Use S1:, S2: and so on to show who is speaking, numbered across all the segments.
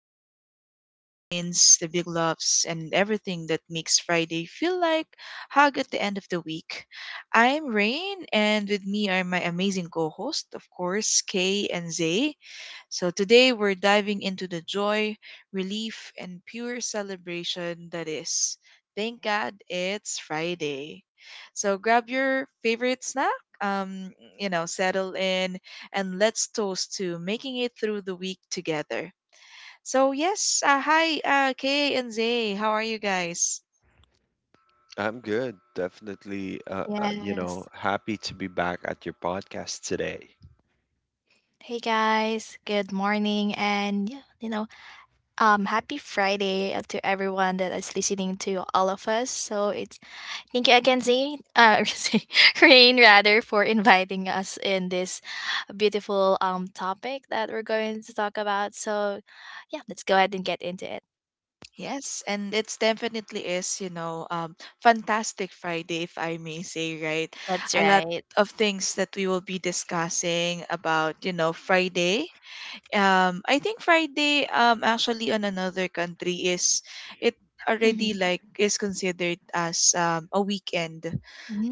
S1: celebrate the little wins, the big loves, and everything that makes Friday feel like hug at the end of the week. I'm Rain, and with me are my amazing co-host, of course, Kay and Zay. So today we're diving into the joy, relief, and pure celebration that is. Thank God it's Friday. So grab your favorite snack, um, settle in, and let's toast to making it through the week together. So yes, hi, Kay and Zay, how are you guys?
S2: I'm good. Definitely, uh, uh, you
S3: Yes.
S2: know, happy to be back at your podcast today,
S3: Hey guys, good morning and yeah, happy Friday, to everyone that is listening to all of us. So it's thank you again Zane, Zane, Rain rather, for inviting us in this beautiful topic that we're going to talk about. So yeah, let's go ahead and get into it.
S1: Yes, and it's definitely is, fantastic Friday, if I may say, right?
S3: That's
S1: A lot
S3: right.
S1: of things that we will be discussing about, you know, Friday. I think Friday, actually on another country is it already
S3: Mm-hmm.
S1: like is considered as a weekend.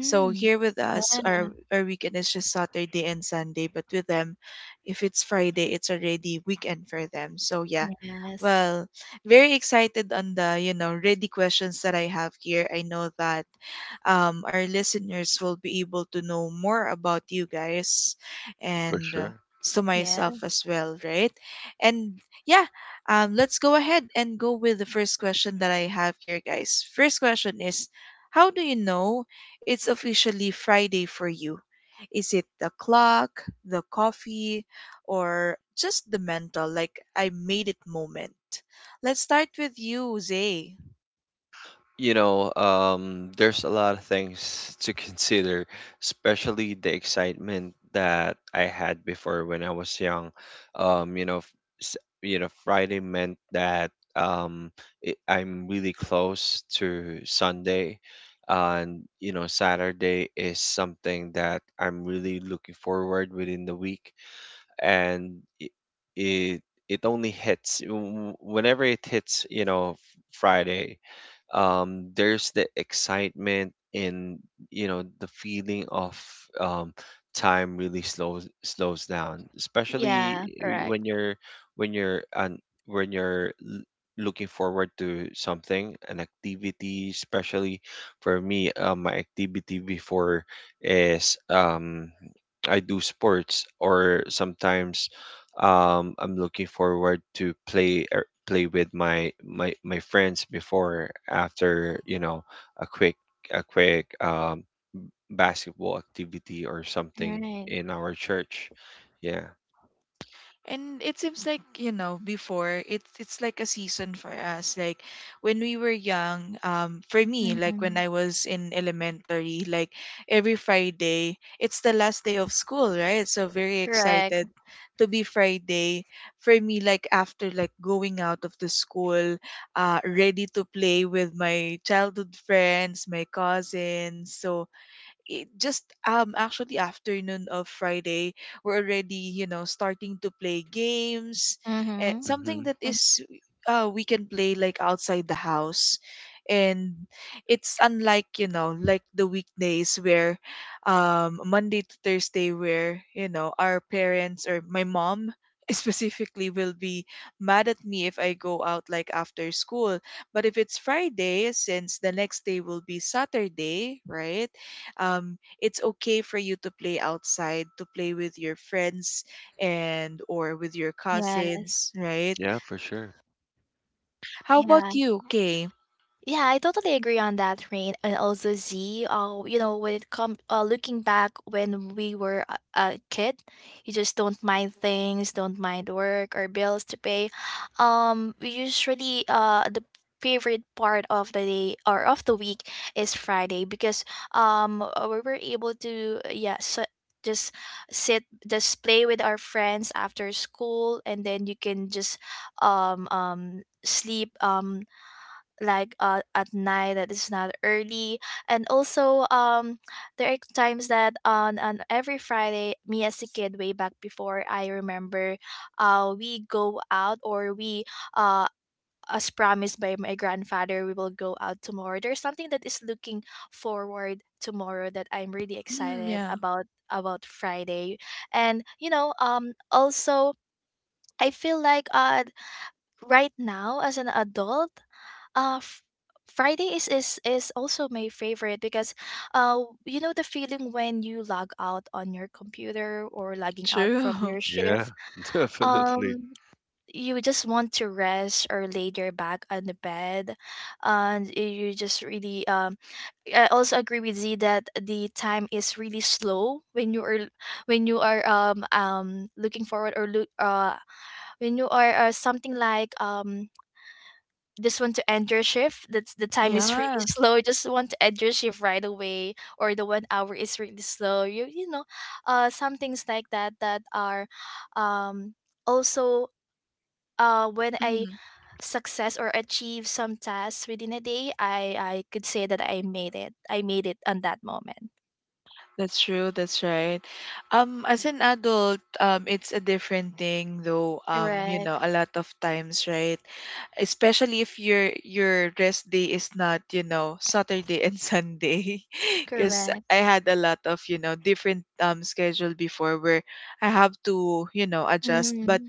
S1: So here with us, our weekend is just Saturday and Sunday, but with them, if it's Friday, it's already weekend for them. So yeah,
S3: Yes.
S1: well, very excited on the you know ready questions that I have here. I know that our listeners will be able to know more about you guys
S2: for
S1: and
S2: sure.
S1: to
S3: Yeah.
S1: myself as well, right? And yeah, let's go ahead and go with the first question that I have here, guys. First question is, how do you know it's officially Friday for you? Is it the clock, the coffee, or just the mental, like I made it moment? Let's start with you, Zay.
S2: There's a lot of things to consider, especially the excitement that I had before when I was young. Um, you know, f- Friday meant that I'm really close to Sunday. And you know, Saturday is something that I'm really looking forward within the week, and it, it only hits whenever it hits, you know, Friday. There's the excitement in, you know, the feeling of um time really slows down, especially
S3: Yeah,
S2: y-
S3: correct.
S2: when you're on when you're l- looking forward to something, an activity. Especially for me, my activity before is, I do sports, or sometimes I'm looking forward to play, play with my friends before, after, you know, a quick basketball activity or something
S3: Right.
S2: in our church. Yeah.
S1: And it seems like, you know, before it's like a season for us. Like when we were young, for me, like when
S3: Mm-hmm.
S1: I was in elementary, like every Friday, it's the last day of school, right? So very
S3: Correct.
S1: excited to be Friday. For me, like after like going out of the school, ready to play with my childhood friends, my cousins. So it just actually afternoon of Friday we're already you know starting to play games and
S3: Mm-hmm.
S2: Mm-hmm.
S1: something that is we can play like outside the house, and it's unlike you know like the weekdays where Monday to Thursday where you know our parents or my mom specifically will be mad at me if I go out like after school. But if it's Friday, since the next day will be Saturday, right? It's okay for you to play outside, to play with your friends and or with your
S3: Yes.
S1: cousins, right?
S2: Yeah, for sure.
S1: How
S3: Yeah,
S1: about you, Kay?
S3: yeah, I totally agree on that, Rain, and also Z. When it come, looking back when we were a kid, you just don't mind things, don't mind work or bills to pay. We usually the favorite part of the day or of the week is Friday because we were able to, yeah, so just sit, just play with our friends after school, and then you can just sleep, like, at night that is not early, and also there are times that on every Friday, me as a kid way back before, I remember we go out, or we uh as promised by my grandfather, we will go out tomorrow. There's something that is looking forward tomorrow that I'm really
S1: Mm,
S3: excited
S1: yeah,
S3: about Friday. And also, I feel like, right now as an adult, uh f- Friday is, also my favorite, because uh the feeling when you log out on your computer or logging out from
S1: true.
S3: your
S2: Yeah,
S3: shift,
S2: definitely.
S3: um you just want to rest or lay your back on the bed. And you just really, I also agree with Z that the time is really slow when you are, when you are, looking forward, or look when you are, something like, just want to end your shift. That's the time is really
S1: Yeah.
S3: slow, just want to end your shift right away, or the 1 hour is really slow. You know, some things like that that are um also, when I success or achieve some tasks within a day, I could say that I made it, I made it on that moment.
S1: That's true. That's right. As an adult, it's a different thing, though. You know,
S3: Correct.
S1: a lot of times, right? Especially if your rest day is not, you know, Saturday and Sunday, because
S3: Correct.
S1: I had a lot of, you know, different schedule before where I have to, you know, adjust. But
S3: Mm-hmm.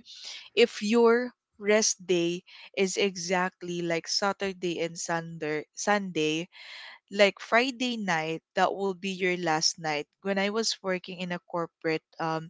S1: if your rest day is exactly like Saturday and Sunday, like Friday night, that will be your last night. When I was working in a corporate um,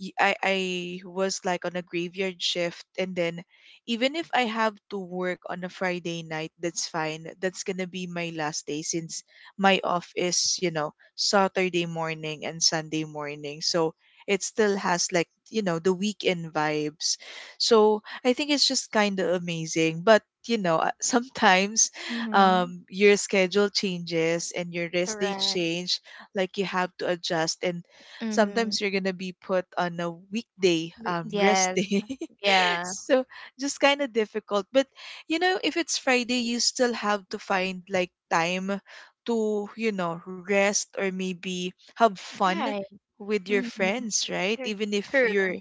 S1: y- I I was like on a graveyard shift, and then even if I have to work on a Friday night, that's fine. That's gonna be my last day since my off is, you know, Saturday morning and Sunday morning. So it still has like, you know, the weekend vibes. So I think it's just kind of amazing. But, you know, sometimes
S3: Mm-hmm.
S1: your schedule changes and your rest day
S3: Correct.
S1: change. Like you have to adjust, and
S3: Mm-hmm.
S1: sometimes you're gonna be put on a weekday rest
S3: Yes.
S1: day.
S3: Yeah.
S1: So just kind of difficult, but you know if it's Friday you still have to find like time to, you know, rest or maybe have
S3: Yeah.
S1: fun
S3: Right.
S1: with your
S3: Mm-hmm.
S1: friends, right? Even if
S3: True.
S1: you're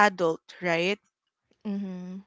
S1: adult, right?
S3: Mm-hmm.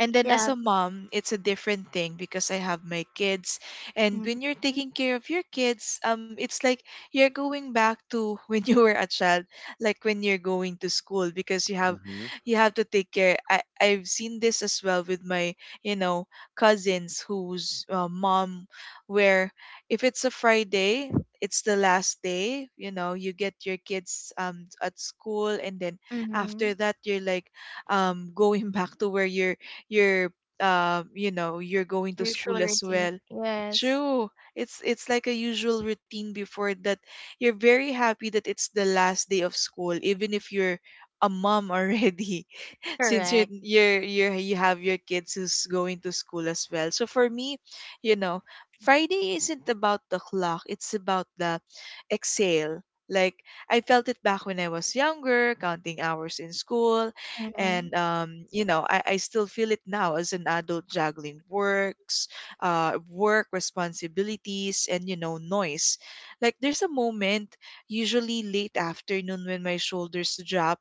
S1: And then
S3: Yeah.
S1: as a mom, it's a different thing because I have my kids. And
S3: Mhm.
S1: when you're taking care of your kids, it's like you're going back to when you were a child, like when you're going to school because you have
S2: Mm-hmm.
S1: you have to take care. I've seen this as well with my, you know, cousins whose mom where if it's a Friday, it's the last day, you know, you get your kids at school, and then after
S3: Mhm.
S1: that you're like going back to where you're you know you're going to
S3: Usual
S1: school as
S3: routine.
S1: well.
S3: Yes.
S1: True, it's like a usual routine before that. You're very happy that it's the last day of school even if you're a mom already. Since you're
S3: Correct.
S1: you're you're you have your kids who's going to school as well. So for me, you know, Friday isn't about the clock, it's about the exhale. Like, I felt it back when I was younger, counting hours in school.
S3: Mhm.
S1: And you know, I still feel it now as an adult juggling works, work responsibilities and you know noise. Like there's a moment, usually late afternoon when my shoulders drop,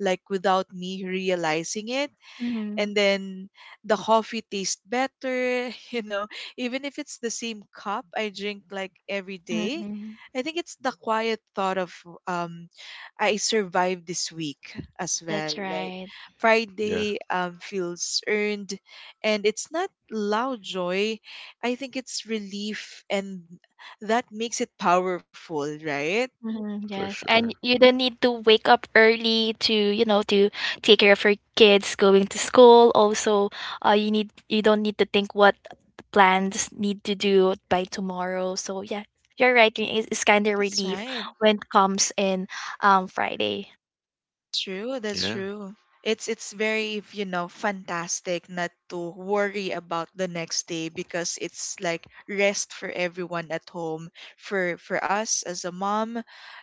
S1: like without me realizing it.
S3: Mhm.
S1: And then the coffee tastes better, you know, even if it's the same cup I drink like every day.
S3: Mhm.
S1: I think it's the quiet thought of um I survived this week as well.
S3: That's
S1: Like,
S3: right.
S2: Yeah,
S1: Friday feels earned, and it's not loud joy. I think it's relief, and that makes it powerful, right?
S3: Mhm.
S2: for
S3: Yes. And
S2: sure.
S3: you don't need to wake up early to, take care of your kids going to school. Also, you don't need to think what the plans need to do by tomorrow. So yeah, you're right. It's kind of
S1: That's
S3: relief
S1: right.
S3: when it comes in Friday.
S1: True, that's
S2: Yeah,
S1: true. It's very, you know, fantastic not to worry about the next day because it's like rest for everyone at home, for us as a mom,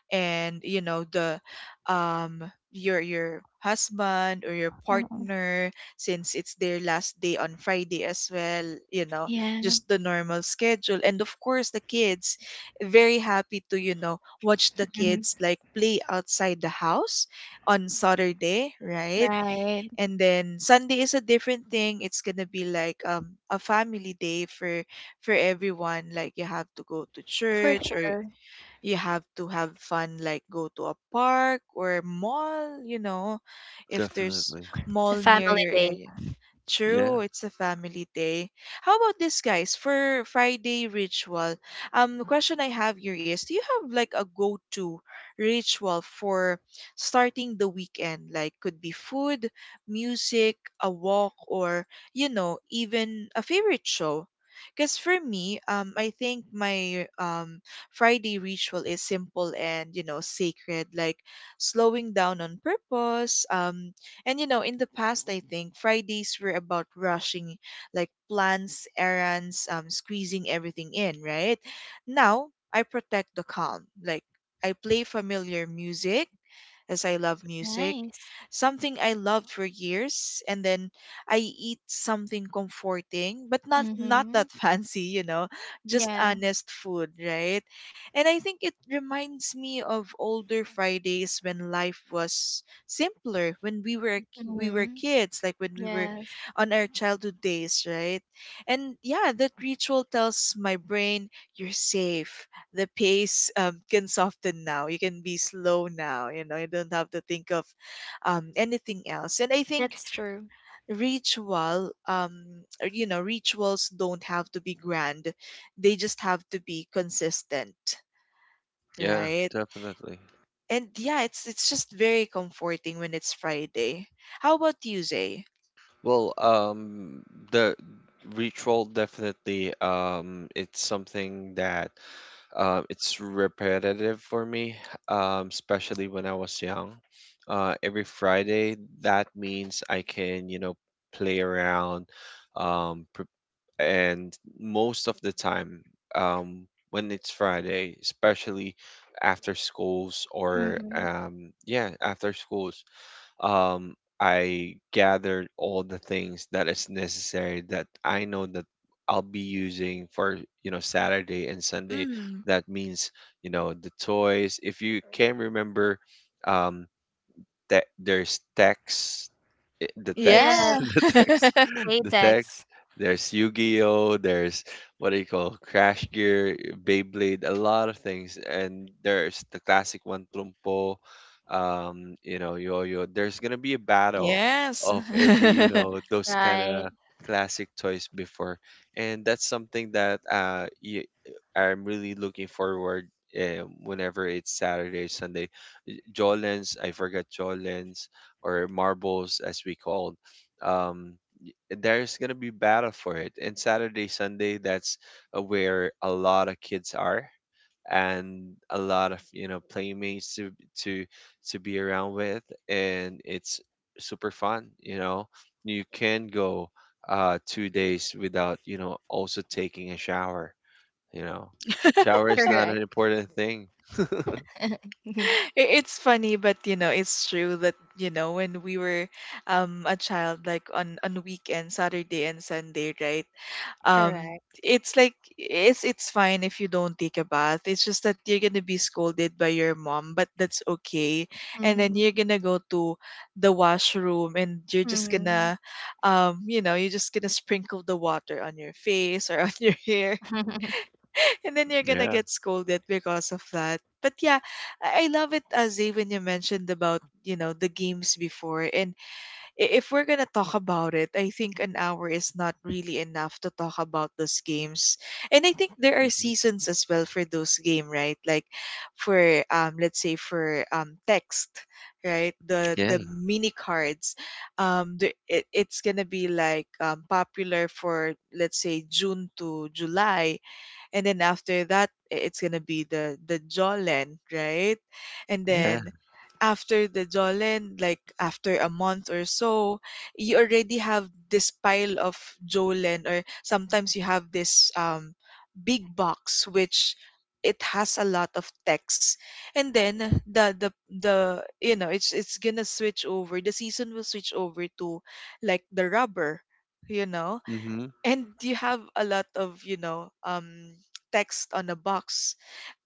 S1: and you know the um your husband or your
S3: Mhm.
S1: partner since it's their last day on Friday as well, you know,
S3: Yeah.
S1: just the normal schedule, and of course the kids, very happy to you know watch the
S3: Mhm.
S1: kids like play outside the house on Saturday, right?
S3: Right.
S1: And then Sunday is a different thing. It's gonna be like a family day for everyone. Like you have to go to
S3: For
S1: church, or
S3: sure.
S1: you have to have fun like go to a park or mall, you know, if there's
S2: definitely.
S3: It's a
S1: mall near
S3: family
S1: your
S3: day.
S1: area.
S2: Yeah,
S1: True, it's a family day. How about this, guys, for Friday ritual? The question I have here is, do you have like a go-to ritual for starting the weekend? Like, could be food, music, a walk, or you know even a favorite show? Because for me, I think my Friday ritual is simple and, you know, sacred, like slowing down on purpose. And, you know, in the past, I think Fridays were about rushing, like plans, errands, squeezing everything in, right? Now, I protect the calm. Like, I play familiar music as I love music,
S3: Nice.
S1: something I loved for years, and then I eat something comforting, but not
S3: Mhm.
S1: that fancy, you know, just
S3: Yeah.
S1: honest food, right? And I think it reminds me of older Fridays when life was simpler, when we were
S3: Mhm.
S1: kids, like when we were
S3: Yes.
S1: on our childhood days, right? And yeah, that ritual tells my brain you're safe, the pace can soften now. You can be slow now. You know, you don't have to think of anything else. And I think
S3: That's true.
S1: ritual, or, you know, rituals don't have to be grand. They just have to be consistent,
S2: yeah,
S1: right?
S2: definitely.
S1: And yeah, it's just very comforting when it's Friday. How about you, Zay?
S2: Well, the ritual, definitely. It's something that it's repetitive for me, especially when I was young. Every Friday, that means I can, you know, play around, pre and most of the time, when it's Friday, especially after schools, or
S3: Mhm.
S2: yeah, after schools, um, I gathered all the things that is necessary that I know that I'll be using for, you know, Saturday and Sunday.
S1: Mm,
S2: That means, you know, the toys. If you can remember, um, there's text, the
S3: Yes.
S2: text,
S1: yeah.
S2: the text, the
S3: Latex.
S2: text. There's Yu-Gi-Oh, there's, what do you call, Crash Gear, Beyblade, a lot of things, and there's the classic one, Trumpo, you know, Yo-Yo. There's gonna be a battle
S1: Yes.
S2: of every, you know, those kind
S3: Right.
S2: of classic toys before, and that's something that I'm really looking forward whenever it's Saturday, Sunday. Jolens, I forgot Jolens, or Marbles as we called. Um, there's gonna be battle for it. And Saturday, Sunday, that's where a lot of kids are and a lot of, you know, playmates to to to be around with, and it's super fun. You know, you can go 2 days without, you know, also taking a shower. You know, shower is not an
S3: Correct.
S2: important thing.
S1: It's funny, but you know it's true that you know when we were a child, like on weekend Saturday and Sunday, right? um
S3: Correct.
S1: it's like it's fine if you don't take a bath, it's just that you're gonna be scolded by your mom, but that's okay. And then
S3: Mhm.
S1: you're gonna go to the washroom and you're just
S3: Mhm.
S1: gonna you know you're just gonna sprinkle the water on your face or on your hair, and then you're gonna
S2: Yeah.
S1: get scolded because of that. But yeah, I love it, Azay, when you mentioned about you know the games before. And if we're gonna talk about it, I think an hour is not really enough to talk about those games. And I think there are
S2: Mhm.
S1: seasons as well for those game, right? Like for let's say for text, right?
S2: Yeah.
S1: The mini cards, it, it's gonna be like popular for let's say June to July, and then after that it's gonna be the Jolen, right? And
S2: Yeah.
S1: then after the Jolen, like after a month or so, you already have this pile of Jolen, or sometimes you have this big box which it has a lot of text. And then the it's gonna switch over. The season will switch over to like the rubber, you know
S2: Mm-hmm.
S1: and you have a lot of text on a box.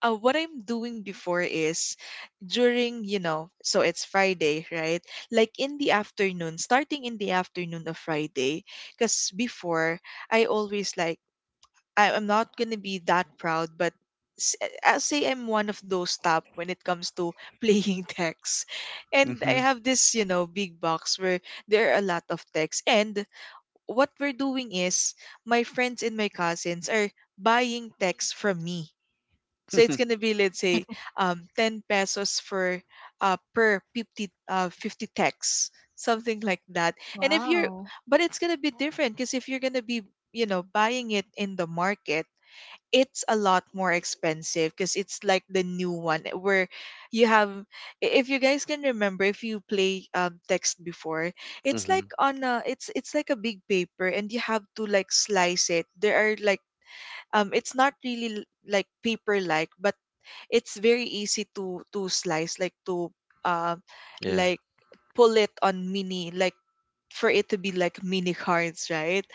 S1: What I'm doing before is during, so it's Friday, right? Like in the afternoon, starting in the afternoon of Friday, because before I always like, I'm not gonna be that proud, but I'll say I'm one of those top when it comes to playing text. And I
S2: Mm-hmm.
S1: have this, you know, big box where there are a lot of text. And what we're doing is my friends and my cousins are buying texts from me. So it's gonna be, let's say, 10 pesos for per 50 50 texts, something like that. And if you're,
S3: Wow.
S1: but it's gonna be different, because if you're gonna be, you know, buying it in the market, it's a lot more expensive because it's like the new one, eh, where you have, if you guys can remember, if you play text before, it's
S2: Mm-hmm.
S1: like on a, it's like a big paper and you have to like slice it. There are like, it's not really like paper like, but it's very easy to slice, like to, um
S2: Yeah.
S1: like pull it on mini, like for it to be like mini cards, right?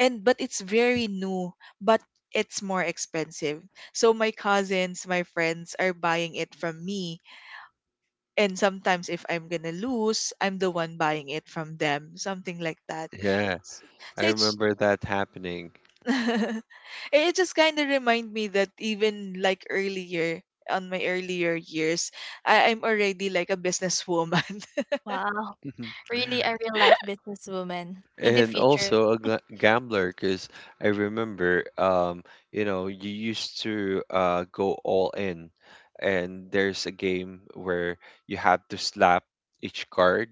S1: And but it's very new, but it's more expensive. So my cousins, my friends are buying it from me, and sometimes if I'm gonna lose, I'm the one buying it from them, something like that.
S2: Yeah.
S1: S-
S2: I
S1: so it's,
S2: remember that happening.
S1: it just kind of remind me that even like earlier, on my earlier years, I'm already like a businesswoman.
S3: Wow.
S2: Mhm.
S3: Really a real life businesswoman in the
S2: And
S3: future.
S2: also a gambler, because I remember, you know, you used to go all in, and there's a game where you have to slap each card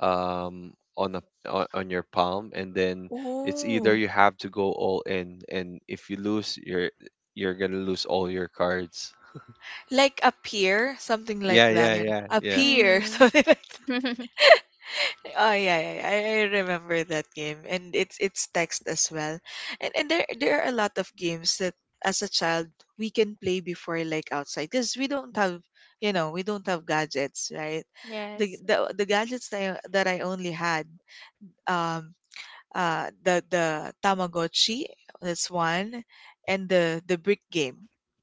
S2: um, on a, on your palm, and then it's
S1: Oh,
S2: either you have to go all in, and if you lose, you're gonna lose all your cards.
S1: like a peer, something like
S2: Yeah,
S1: that.
S2: yeah,
S1: You know?
S2: yeah,
S1: A
S2: yeah.
S1: peer,
S3: Mhm.
S1: something like that. Oh yeah, yeah, yeah, I remember that game, and it's text as well. And there are a lot of games that, as a child, we can play before, like outside, because we don't have, you know, we don't have gadgets, right? the
S3: Yes.
S1: the the gadgets that that I only had, um the Tamagotchi, that's one, and the brick game.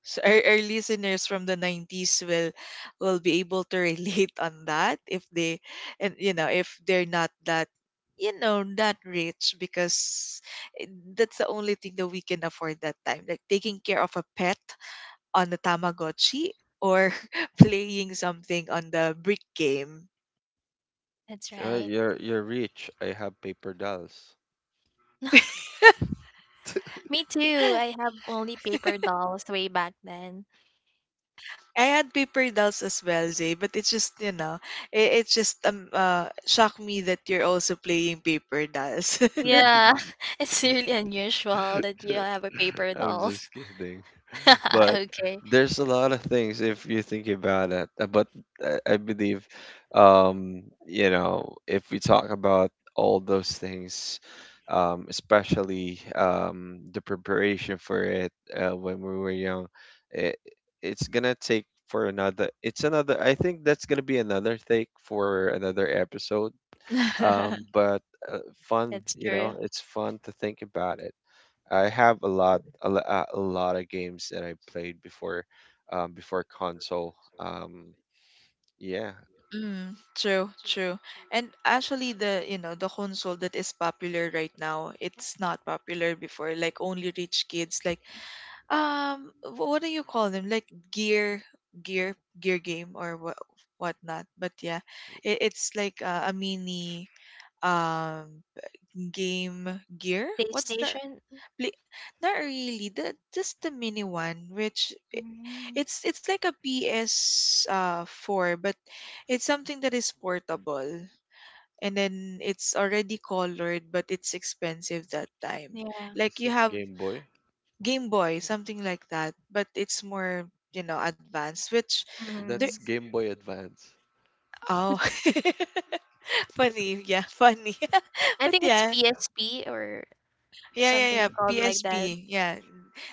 S1: So our listeners from the 90s will be able to relate on that, if they, and you know, if they're not that, you know, that rich, because it- that's the only thing that we can afford that time, like taking care of a pet on the Tamagotchi, or playing something on the brick game.
S3: That's right.
S2: You're rich. I have paper dolls.
S3: Me too. I have only paper dolls way back then.
S1: I had paper dolls as well, Zay, but it's just, you know, it's just shocked me that you're also playing paper dolls.
S3: Yeah. It's really unusual that you have a paper
S2: I'm
S3: doll.
S2: just kidding. But
S3: Okay,
S2: there's a lot of things if you think about it. But I believe, you know, if we talk about all those things, especially the preparation for it, when we were young, it, it's gonna take for another. It's another. I think that's gonna be another take for another episode, but fun,
S3: that's
S2: you
S3: true.
S2: know, it's fun to think about it. I have a lot of games that I played before, before console, yeah.
S1: Mm, true, true. And actually the, you know, the console that is popular right now, it's not popular before. Like only rich kids like, what do you call them? Like gear, gear game, or what, whatnot. But yeah, it's like a mini, um game gear. What's the,
S3: PlayStation?
S1: Pla- not really. The, just the mini one, which
S3: Mm,
S1: it's like a PS four, but it's something that is portable. And then it's already colored, but it's expensive that time.
S3: yeah.
S2: Is
S1: Like you
S2: it
S1: have,
S2: Game Boy?
S1: Game Boy, something like that, but it's more, you know, advanced. Which there,
S2: That's
S3: Mhm.
S2: Game Boy Advance.
S1: oh, funny, yeah, funny.
S3: I
S1: But
S3: think it's
S1: yeah,
S3: PSP, or
S1: yeah, yeah, yeah.
S3: something called like that,
S1: PSP, yeah.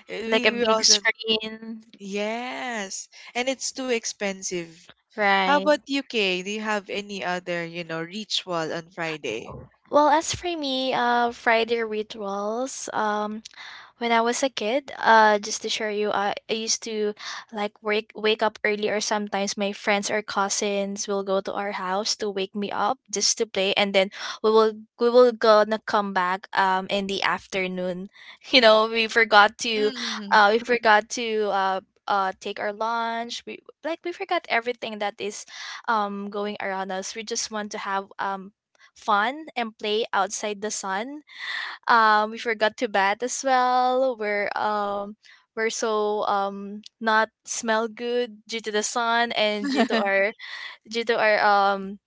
S3: like a
S1: We we
S3: big
S1: also
S3: screen.
S1: yes, and it's too expensive. How
S3: Right.
S1: about you, Kay? Do you have any other, you know, ritual on Friday?
S3: Well, as for me, Friday rituals. When I was a kid, just to share you, I used to like wake up early, or sometimes my friends or cousins will go to our house to wake me up just to play, and then we will gonna come back in the afternoon. We forgot to,
S1: Mm.
S3: uh we forgot to uh take our lunch. We forgot everything that is going around us. We just want to have fun and play outside the sun, we forgot to bat as well, we're so not smell good due to the sun and due to our um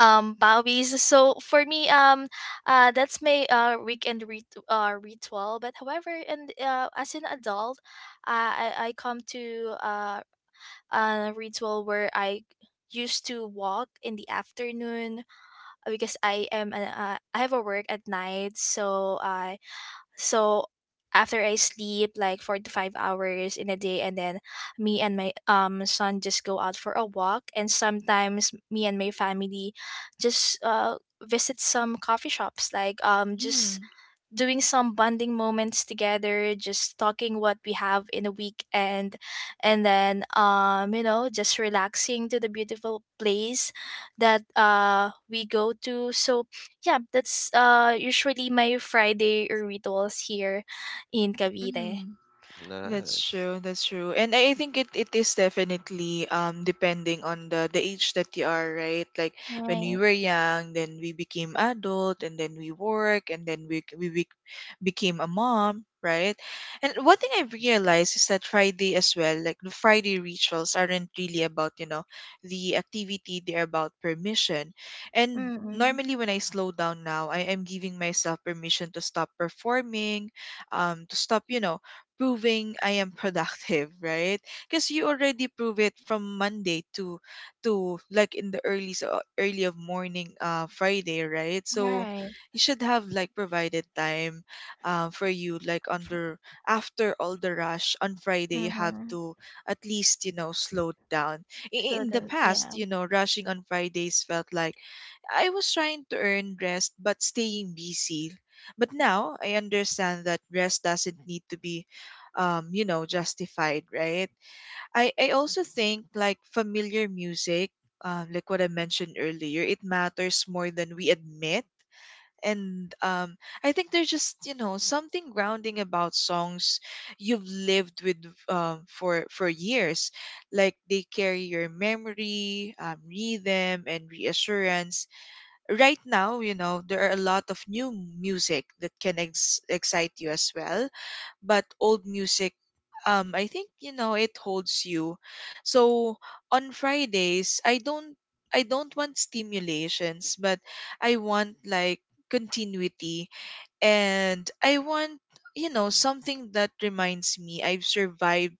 S3: um bowies. So for me, that's my weekend ritual. But however, and as an adult, I come to a ritual where I used to walk in the afternoon, because I have a work at night, so after I sleep like 4 to 5 hours in a day. And then me and my son just go out for a walk, and sometimes me and my family just visit some coffee shops, like just
S1: mm.
S3: doing some bonding moments together, just talking what we have in a weekend, and then just relaxing to the beautiful place that we go to. So yeah, that's usually my Friday rituals here in Cavite.
S1: Mm. That's
S2: Nice.
S1: true. That's true. And I think it, it is definitely depending on the age that you are, right? Like when we
S3: Right.
S1: were young, then we became adult and then we work and then we bec- became a mom, right? And one thing I've realized is that Friday as well, like the Friday rituals aren't really about, you know, the activity, they're about permission. And
S3: Mm-mm.
S1: normally when I slow down now, I am giving myself permission to stop performing, to stop you know proving I am productive, right? Because you already prove it from Monday to like in the early so early of morning Friday, right? So
S3: Right.
S1: you should have like provided time for you like under after all the rush on Friday you have
S3: Mm-hmm.
S1: to at least you know slow down. I- In
S3: So
S1: the
S3: the
S1: past,
S3: yeah.
S1: you know, rushing on Fridays felt like I was trying to earn rest but staying busy. But now I understand that rest doesn't need to be you know, justified, right? I also think like familiar music, like what I mentioned earlier, it matters more than we admit. And I think there's just you know something grounding about songs you've lived with for years, like they carry your memory, rhythm, and reassurance right now, you know, there are a lot of new music that can ex- excite you as well, but old music I think, you know, it holds you. So on Fridays, I don't want stimulations, but I want like continuity and I want you know something that reminds me I've survived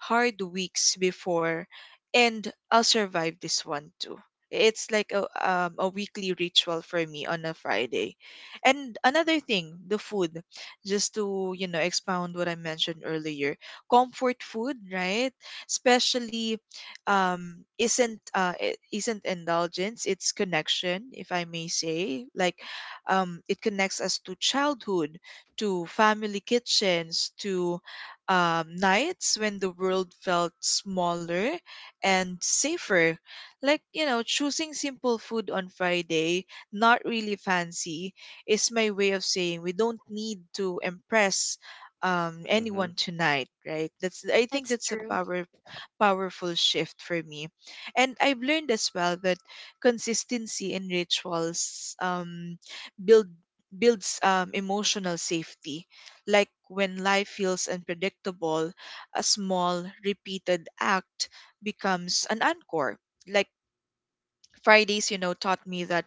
S1: hard weeks before and I'll survive this one too. It's like a weekly ritual for me on a Friday. And another thing, the food. Just to, you know, expound what I mentioned earlier. Comfort food, right? Especially isn't I- isn't indulgence, it's connection, if I may say. Like it connects us to childhood, to family kitchens, to nights when the world felt smaller and safer. Like, you know, choosing simple food on Friday, not really fancy, is my way of saying we don't need to impress
S2: Mm-hmm.
S1: anyone tonight right that's I think
S3: That's
S1: that's a
S3: true.
S1: power powerful shift for me and I've learned as well that consistency in rituals build builds emotional safety like when life feels unpredictable a small repeated act becomes an anchor. Like fridays you know taught me that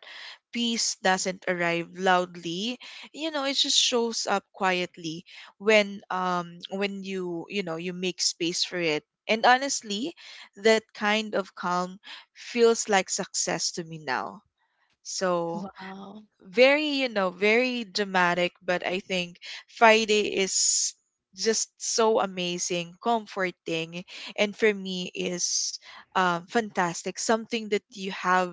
S1: peace doesn't arrive loudly you know it just shows up quietly when you know you make space for it and honestly that kind of calm feels like success to me now so very you know very dramatic but I think friday is just so amazing comforting and for me is fantastic something that you have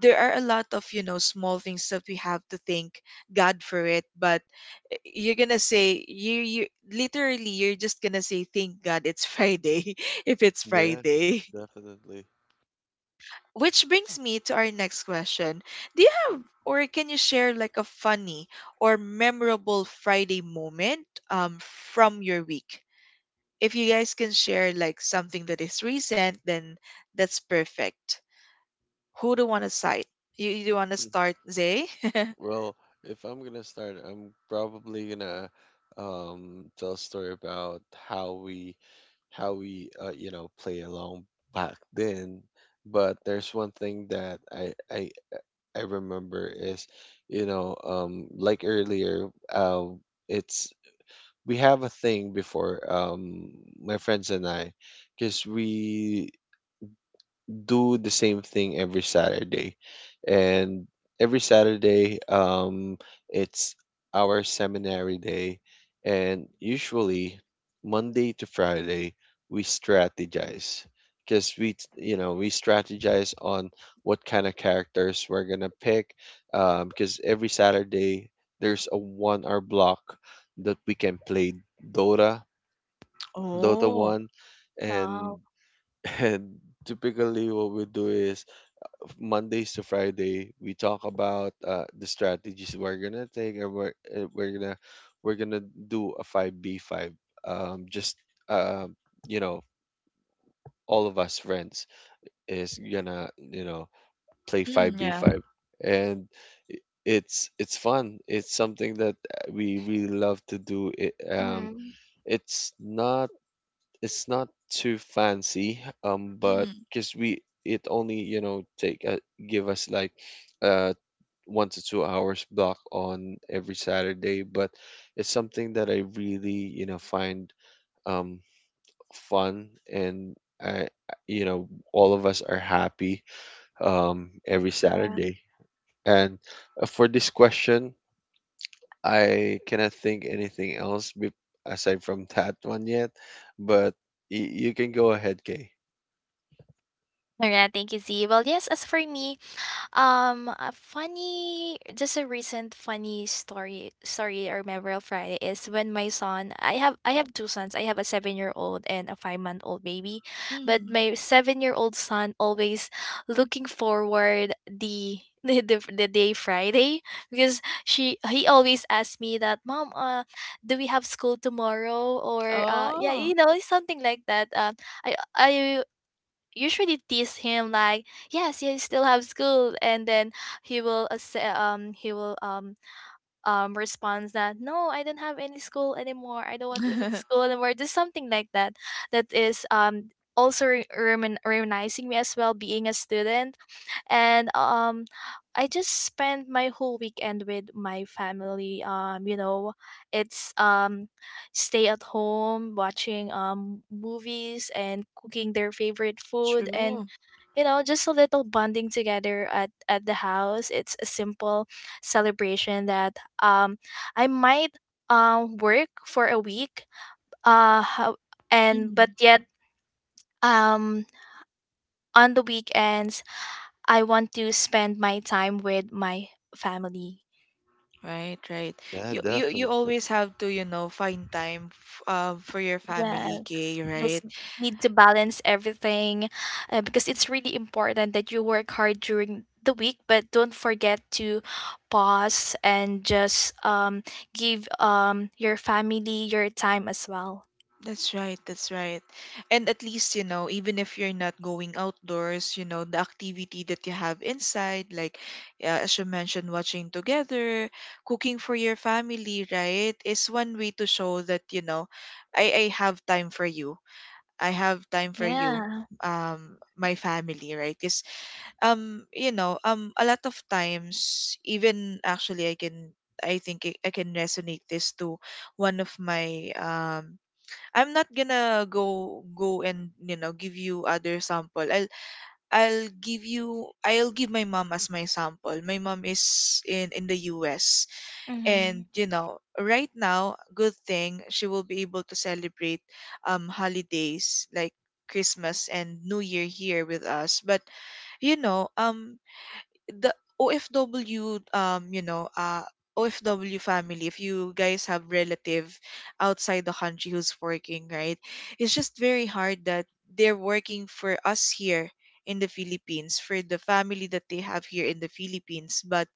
S1: there are a lot of you know small things that we have to thank god for it but y- you're gonna say you you literally you're just gonna say thank god it's friday if it's
S2: Yeah,
S1: friday
S2: definitely.
S1: which brings me to our next question. Do you have or can you share like a funny or memorable Friday moment um from your week? If you guys can share like something that is recent, then that's perfect. Who do want to cite? You want to
S2: Mm.
S1: start, Zay?
S2: Well, if I'm gonna start, I'm probably gonna tell a story about how we how we you know, play along back then. But there's one thing that I remember is, you know, like earlier, um it's, we have a thing before, my friends and I, because we do the same thing every Saturday. And every Saturday, it's our seminary day. And usually, Monday to Friday, we strategize because you know, we strategize on what kind of characters we're gonna pick. Because every Saturday there's a 1-hour block that we can play Dota, Dota
S1: oh,
S2: One, and
S3: Wow.
S2: and typically what we do is Mondays to Friday, we talk about the strategies we're gonna take, and we're gonna we're gonna do a 5v5. Just um, you know, all of us friends is gonna, you know, play five
S1: mm,
S2: B
S1: yeah.
S2: five, and it's fun. It's something that we really love to do.
S3: Mm-hmm.
S2: It's not. It's not too fancy, but
S1: Mm.
S2: because we it only, you know, take give us like uh 1 to 2 hours block on every Saturday, but it's something that I really, you know, find um fun, and I you know, all of us are happy every
S3: Yeah.
S2: Saturday. And for this question, I cannot think anything else aside from that one yet, but you can go ahead, Kay.
S3: All right. Thank you, Z. Well, yes, as for me, a funny, just a recent funny story, story or memorable Friday is when my son. I have two sons. I have a 7-year old and a 5-month old baby, but
S1: Mm.
S3: my 7-year old son always looking forward the. The day Friday, because she he always asks me that, mom, do we have school tomorrow, or
S1: Oh.
S3: something like that, I usually tease him like, yes, you still have school, and then he will accept, he will, response that, no, I don't have any school anymore, I don't want to go to school anymore, just something like that that is also reminiscing me as well being a student. And I just spent my whole weekend with my family. It's stay at home watching movies and cooking their favorite food, and
S1: True.
S3: just a little bonding together at the house. It's a simple celebration that I might work for a week, how, and but
S1: Mm.
S3: yet um on the weekends I want to spend my time with my family.
S1: Right, right.
S2: Yeah,
S1: You
S2: definitely.
S1: always have to, you know, find time for your family,
S3: Yes,
S1: Kay,
S3: just
S1: right?
S3: need to balance everything, because it's really important that you work hard during the week, but don't forget to pause and just, give, your family your time as well.
S1: That's right, that's right. And at least, you know, even if you're not going outdoors, you know, the activity that you have inside, like, as you mentioned, watching together, cooking for your family, right, is one way to show that, you know, I have time for you. I have time for you,
S3: Yeah,
S1: my family, right? Because, you know, a lot of times, even actually, I can I think I can resonate this to one of my, um, I'm not gonna go and, you know, give you other sample. I'll give my mom as my sample. My mom is in the US,
S3: mm-hmm.
S1: and you know, right now, good thing she will be able to celebrate holidays like Christmas and New Year here with us. But, you know, the OFW, OFW family, if you guys have relative outside the country who's working, right? It's just very hard that they're working for us here in the Philippines, for the family that they have here in the Philippines, but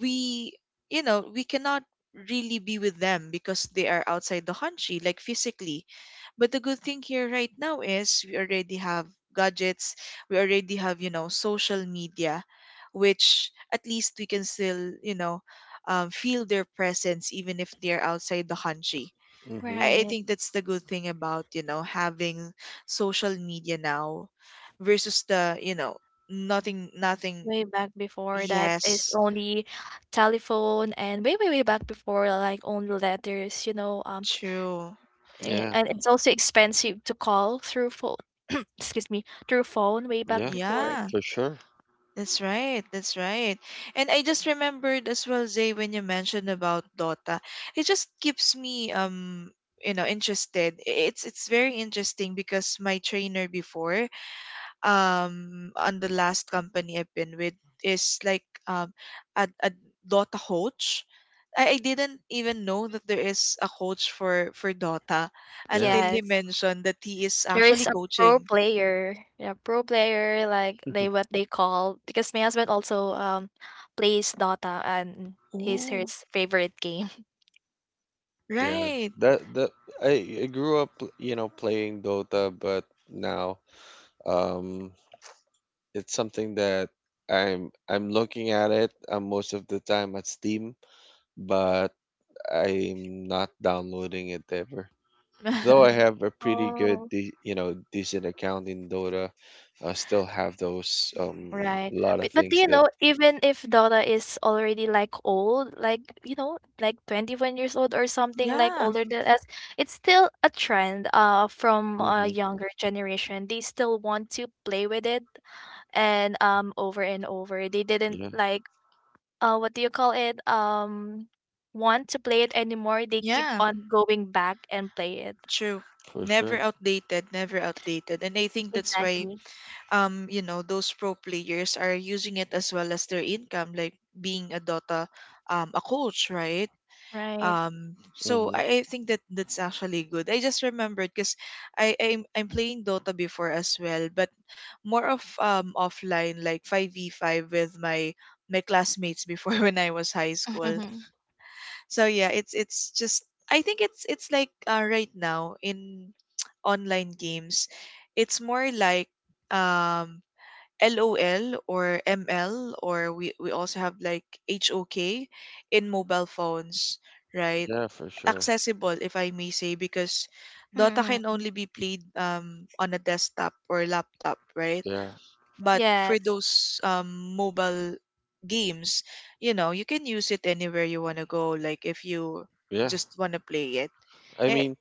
S1: we you know we cannot really be with them because they are outside the country, like physically. But the good thing here right now is we already have gadgets, we already have, you know, social media, which at least we can still, you know, feel their presence even if they're outside the country.
S2: Hmm.
S1: I
S3: Right.
S1: think that's the good thing about, you know, having social media now, versus the, you know, nothing, nothing.
S3: Way back before that is
S1: Yes,
S3: only telephone, and way, way, way back before, like only letters,
S1: true.
S2: Yeah,
S3: And it's also expensive to call through phone, excuse me, through phone way back
S2: yeah,
S3: before.
S1: Yeah,
S2: for sure.
S1: that's right. That's right. And I just remembered as well, Zay, when you mentioned about Dota, it just keeps me, you know, interested. It's very interesting because my trainer before, on the last company I've been with, is like, um, a Dota coach. I didn't even know that there is a coach for Dota
S2: Yeah,
S1: until he
S3: Yes,
S1: mentioned that he is
S3: there is
S1: actually
S3: a pro
S1: coaching.
S3: player. Yeah, pro player, like they what they call, because my husband also plays Dota, and he's
S1: Oh,
S3: his favorite game.
S2: yeah.
S1: right.
S2: That I grew up, you know, playing Dota, but now um it's something that I'm looking at it most of the time at Steam, but I'm not downloading it ever. Though I have a pretty good,
S3: Oh.
S2: de you know, decent account in Dota, I still have those
S3: Right.
S2: a lot of
S3: But do
S2: things
S3: you
S2: there.
S3: know, even if Dora is already like old, like, like 21 years old or something, like
S1: Yeah,
S3: older than us, it's still a trend from a
S2: Hmm.
S3: younger generation. They still want to play with it, and over and over. They didn't
S2: Yeah,
S3: like, what do you call it? Want to play it anymore. They keep
S1: yeah,
S3: on going back and play it.
S1: true.
S2: for
S1: Never
S2: sure.
S1: outdated, never outdated. And I think that's why
S3: Exactly.
S1: those pro players are using it as well as their income, like being a Dota a coach, right?
S3: Right.
S1: So I think that that's actually good. I just remembered because I'm playing Dota before as well, but more of offline like 5v5 with my classmates before when I was high school. So yeah, it's just I think it's like right now in online games, it's more like um LOL or ML or we also have like HOK in mobile phones, right?
S2: Yeah, for sure.
S1: Accessible if I may say because Dota can
S3: Mm-hmm.
S1: only be played on a desktop or laptop, right?
S2: Yeah.
S1: But for
S3: Yes.
S1: those mobile games, you know, you can use it anywhere you want to go. Like if you
S2: Yeah.
S1: just want to play it.
S2: I
S1: Eh,
S2: mean,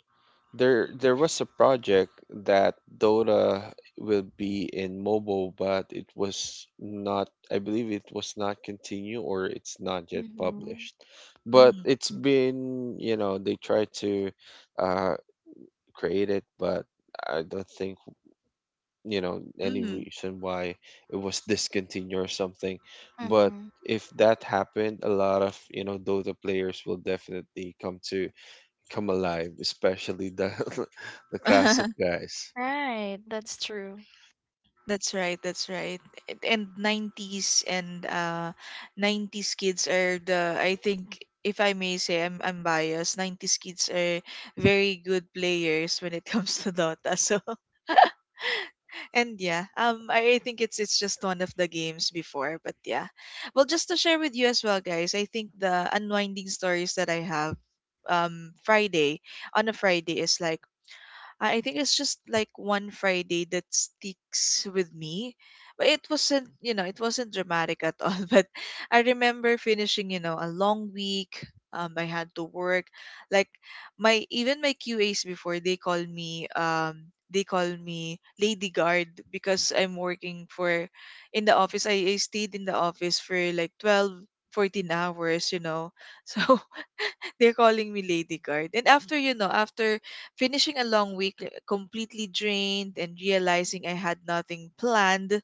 S2: there was a project that Dota will be in mobile, but it was not. I believe it was not continue, or it's not yet
S3: Mm-hmm.
S2: published. But
S1: mm,
S2: it's been, you know, they tried to uh create it, but I don't think, you know, any
S1: mm.
S2: reason why it was discontinued or something. But
S3: Mm-hmm.
S2: if that happened, a lot of, you know, Dota players will definitely come alive, especially the the classic guys.
S3: Right, that's true.
S1: That's right, that's right. And 90s and 90s kids are the I think if I may say I'm biased, 90s kids are very good players when it comes to Dota. So and yeah, I think it's just one of the games before, but yeah. Well, just to share with you as well, guys, I think the unwinding stories that I have Friday on a Friday is like I think it's just like one Friday that sticks with me. But it wasn't, you know, it wasn't dramatic at all. But I remember finishing, you know, a long week. I had to work. Like my even my QAs before they call me Lady Guard because I'm working for in the office. I stayed in the office for like 12-14 hours, you know. So they're calling me Lady Guard. And after, you know, after finishing a long week, like, completely drained and realizing I had nothing planned,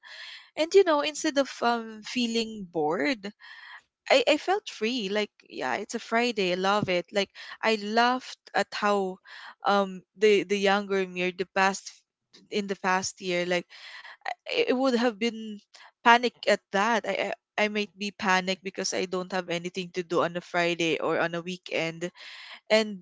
S1: and you know, instead of feeling bored, I felt free. Like, yeah, it's a Friday. I love it. Like, I laughed at how the younger me or the past in the past year, like it would have been panic at that. I might be panicked because I don't have anything to do on a Friday or on a weekend and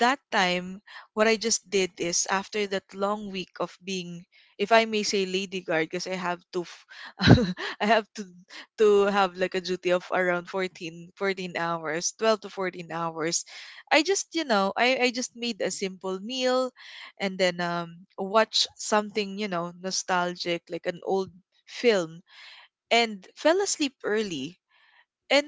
S1: that time, what I just did is after that long week of being, if I may say, lady guard, because I have to, I have to have like a duty of around 14 hours, 12 to 14 hours. I just, you know, I just made a simple meal and then watch something, you know, nostalgic, like an old film and fell asleep early and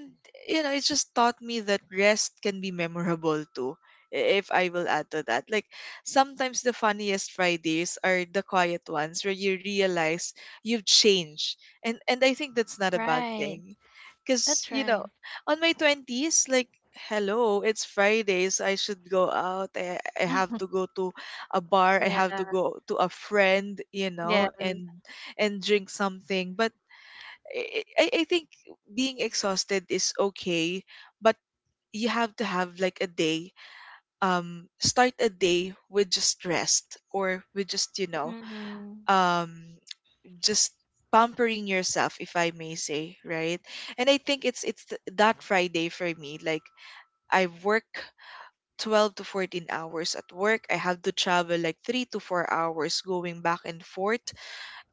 S1: you know it just taught me that rest can be memorable too. If I will add to that, like sometimes the funniest fridays are the quiet ones where you realize you've changed, and I think that's not a bad
S3: Right,
S1: thing because
S3: that's
S1: you know
S3: right.
S1: on my 20s like hello it's fridays I should go out. I have to go to a bar, I
S3: Yeah,
S1: have to go to a friend, you
S3: yeah.
S1: know, and drink something but I think being exhausted is okay, but you have to have like a day. Start a day with just rest or with
S3: Mhm,
S1: um, just pampering yourself, if I may say, right? And I think it's that Friday for me. Like I work. 12 to 14 hours at work. I have to travel like 3 to 4 hours going back and forth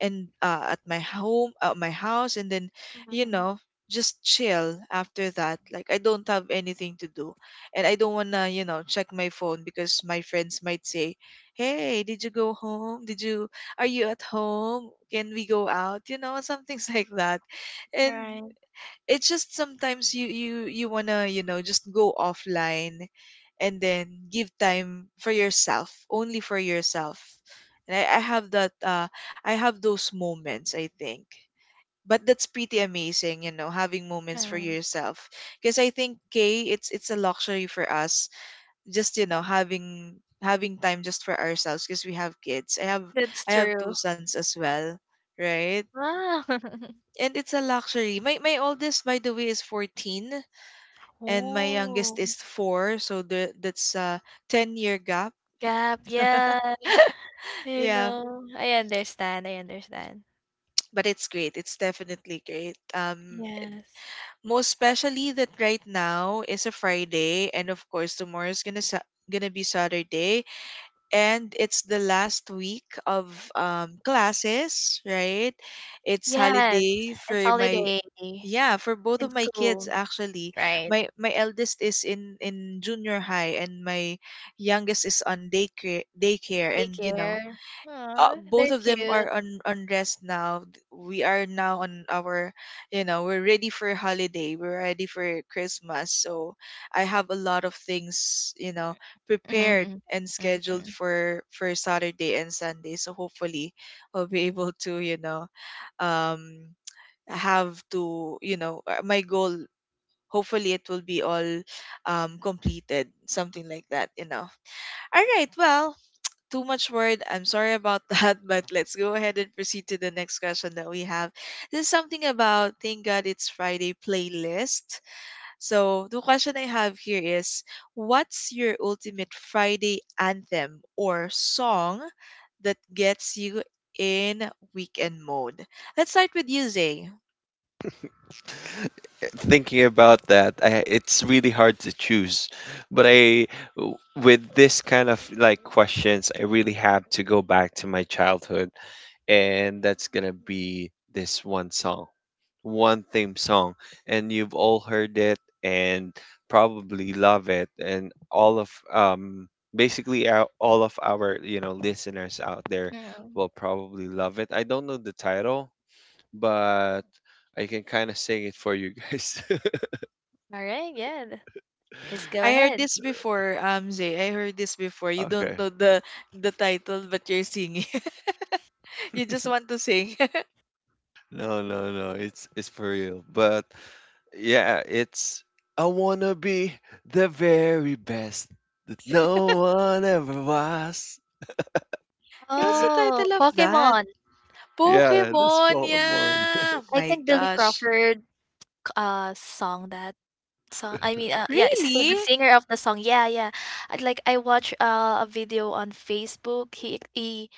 S1: and at my home at my house and then you
S3: mhm.
S1: know just chill after that, like I don't have anything to do and I don't want to, you know, check my phone because my friends might say, hey, did you go home, did you, are you at home, can we go out, you know, some things like that. And
S3: Right.
S1: it's just sometimes you want to, you know, just go offline and then give time for yourself, only for yourself. And I have that I have those moments, I think, but that's pretty amazing, you know, having moments for
S3: Yeah,
S1: yourself, because I think k it's a luxury for us, just, you know, having having time just for ourselves, because we have kids.
S3: that's
S1: I have
S3: true.
S1: two sons as well, right?
S3: Ah,
S1: And it's a luxury. My oldest, by the way, is 14 and my youngest
S3: Oh,
S1: is four, so the, that's a 10 year gap.
S3: gap. Yeah,
S1: Yeah,
S3: I understand. I understand.
S1: but it's great. It's definitely great.
S3: Yes,
S1: Most especially that right now is a Friday, and of course tomorrow is gonna be Saturday, and it's the last week of classes, right? It's
S3: yes.
S1: holiday
S3: It's
S1: for my,
S3: holiday
S1: yeah, for both of
S3: in
S1: my kids
S3: school,
S1: actually.
S3: right?
S1: My eldest is in junior high and my youngest is on daycare
S3: Take
S1: and you know
S3: care. Oh,
S1: both
S3: they're
S1: of them are
S3: cute.
S1: on rest now. We are now on our, you know, we're ready for holiday. We're ready for Christmas. So I have a lot of things, you know, prepared
S3: Mm-hmm.
S1: and scheduled
S3: Mm-hmm.
S1: for Saturday and Sunday. So hopefully, I'll be able to, you know, um, have to, you know, my goal. Hopefully, it will be all completed, something like that, you know. All right. Well, too much word. I'm sorry about that, but let's go ahead and proceed to the next question that we have. This is something about Thank God It's Friday playlist. So, the question I have here is, what's your ultimate Friday anthem or song that gets you in weekend mode? Let's start with you, Zay.
S2: Thinking about that, it's really hard to choose, but I w- with this kind of like questions, I really have to go back to my childhood, and that's gonna be this one song, one theme song, and you've all heard it and probably love it, and all of basically our, all of our, you know, listeners out there
S3: Mm-hmm.
S2: will probably love it. I don't know the title, but I can kind of sing it for you guys.
S3: All right. Yeah. Let's go
S1: I heard
S3: ahead.
S1: this before, Zay. I heard this before. You don't
S2: Okay.
S1: know the title, but you're singing. You just want to sing.
S2: No, no, no. It's for real. But yeah, it's, I wanna be the very best, no one ever was.
S1: What's the
S3: Oh,
S1: title of that?
S3: Pokemon.
S2: Yeah, that's
S1: Pokemon,
S2: Fallen One.
S1: yeah.
S3: I
S1: My
S3: think Billy
S1: gosh.
S3: Crawford, song, that song. I mean, yeah, it's
S1: Really?
S3: the singer of the song. Yeah, yeah. I watched, a video on Facebook.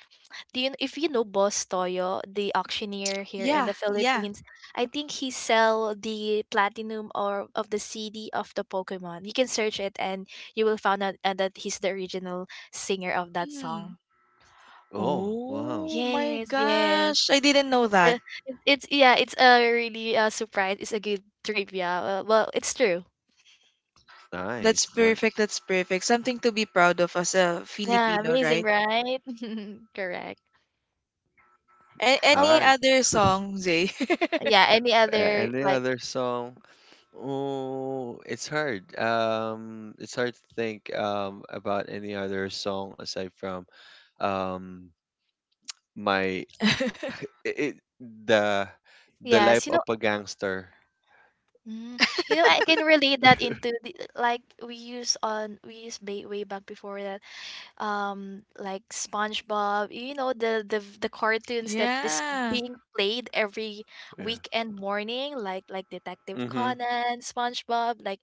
S3: Do you if you know Boss Toyo, the auctioneer here
S1: Yeah,
S3: in the
S1: yeah.
S3: Philippines? I think he sell the platinum or of the CD of the Pokemon. You can search it and you will find out, that he's the original singer of that
S1: Mm.
S3: song.
S2: Oh, wow.
S1: Oh my
S3: Yes, yes.
S1: gosh. I didn't know that.
S3: uh, it's yeah, it's a really, surprise. It's a good trivia. Well, it's true.
S1: That's
S2: Nice,
S1: perfect.
S2: nice.
S1: That's perfect. Something to be proud of as a
S3: Yeah,
S1: Filipino,
S3: amazing,
S1: right?
S3: right? Correct.
S1: A-
S3: Oh
S2: All
S1: any
S3: well,
S2: right.
S1: other song, Zay?
S3: yeah. Any other
S2: Any
S3: like,
S2: other song? Oh, it's hard. It's hard to think about any other song aside from um my it, the the life
S3: yes,
S2: of a gangster.
S3: mm, I can relate that into like, way back before that like SpongeBob, you know, the cartoons that is
S1: Yeah.
S3: being played every
S2: Yeah.
S3: weekend morning, like Detective
S2: Mm-hmm.
S3: Conan, SpongeBob, like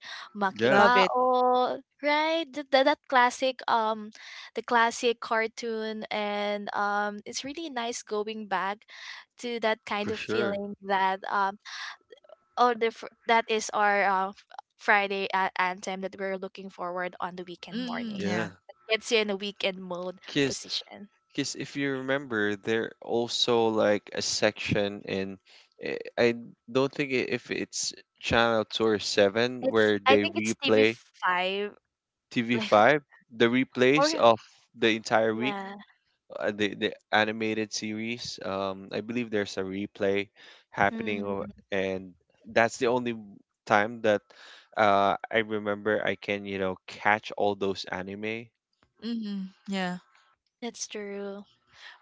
S2: Yeah,
S1: Love it.
S3: Makibao, right? Th- th- that classic The classic cartoon, and it's really nice going back to that
S2: for
S3: kind of
S2: sure.
S3: feeling that, oh, that is our, Friday, anthem that we're looking forward on the weekend
S1: Mm,
S3: morning.
S2: Yeah.
S1: yeah.
S3: Gets you in a weekend mode
S2: Kiss.
S3: position.
S2: Because if you remember, there also like a section in, I don't think if it's channel 2 or 7
S3: It's
S2: where
S3: I
S2: they
S3: think it's
S2: replay
S3: TV5,
S2: TV
S3: like,
S2: five, the replays
S3: or
S2: of the entire week,
S3: yeah.
S2: the animated series. I believe there's a replay happening,
S3: Mhm.
S2: and that's the only time that I remember I can, you know, catch all those anime.
S1: Mm, yeah.
S3: That's true.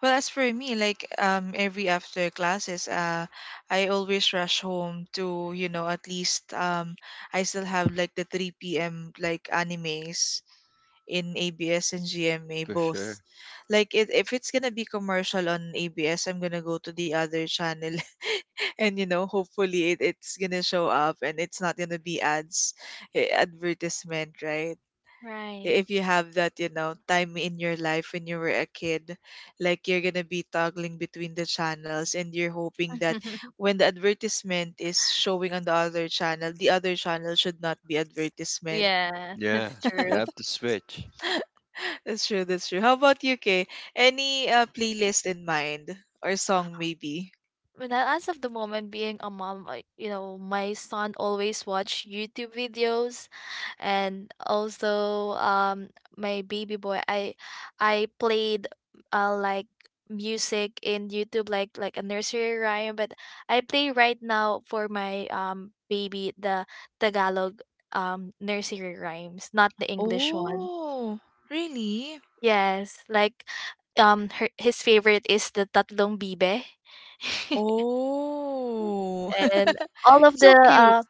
S1: Well, as for me, like every after classes, I always rush home to, you know, at least I still have like the three p.m. like animes in ABS and GMA
S2: For sure.
S1: both. Like it, if it's gonna be commercial on ABS, I'm gonna go to the other channel and you know hopefully it, it's gonna show up and it's not gonna be ads, advertisement, right?
S3: Right.
S1: If you have that, you know, time in your life when you were a kid, like you're gonna be toggling between the channels and you're hoping that when the advertisement is showing on the other channel, the other channel should not be advertisement.
S2: Yeah, you
S3: True.
S2: have to switch.
S1: That's true, that's true. How about you, Kay? Any playlist in mind or song maybe.
S3: Well, as of the moment, being a mom, I, you know, my son always watch YouTube videos, and also my baby boy, I played like music in YouTube, like a nursery rhyme. But I play right now for my baby the Tagalog nursery rhymes, not the English one.
S1: Oh really.
S3: Yes, like, his favorite is the Tatlong Bibe.
S1: Oh
S3: And all of
S1: it's so
S3: the
S1: cute.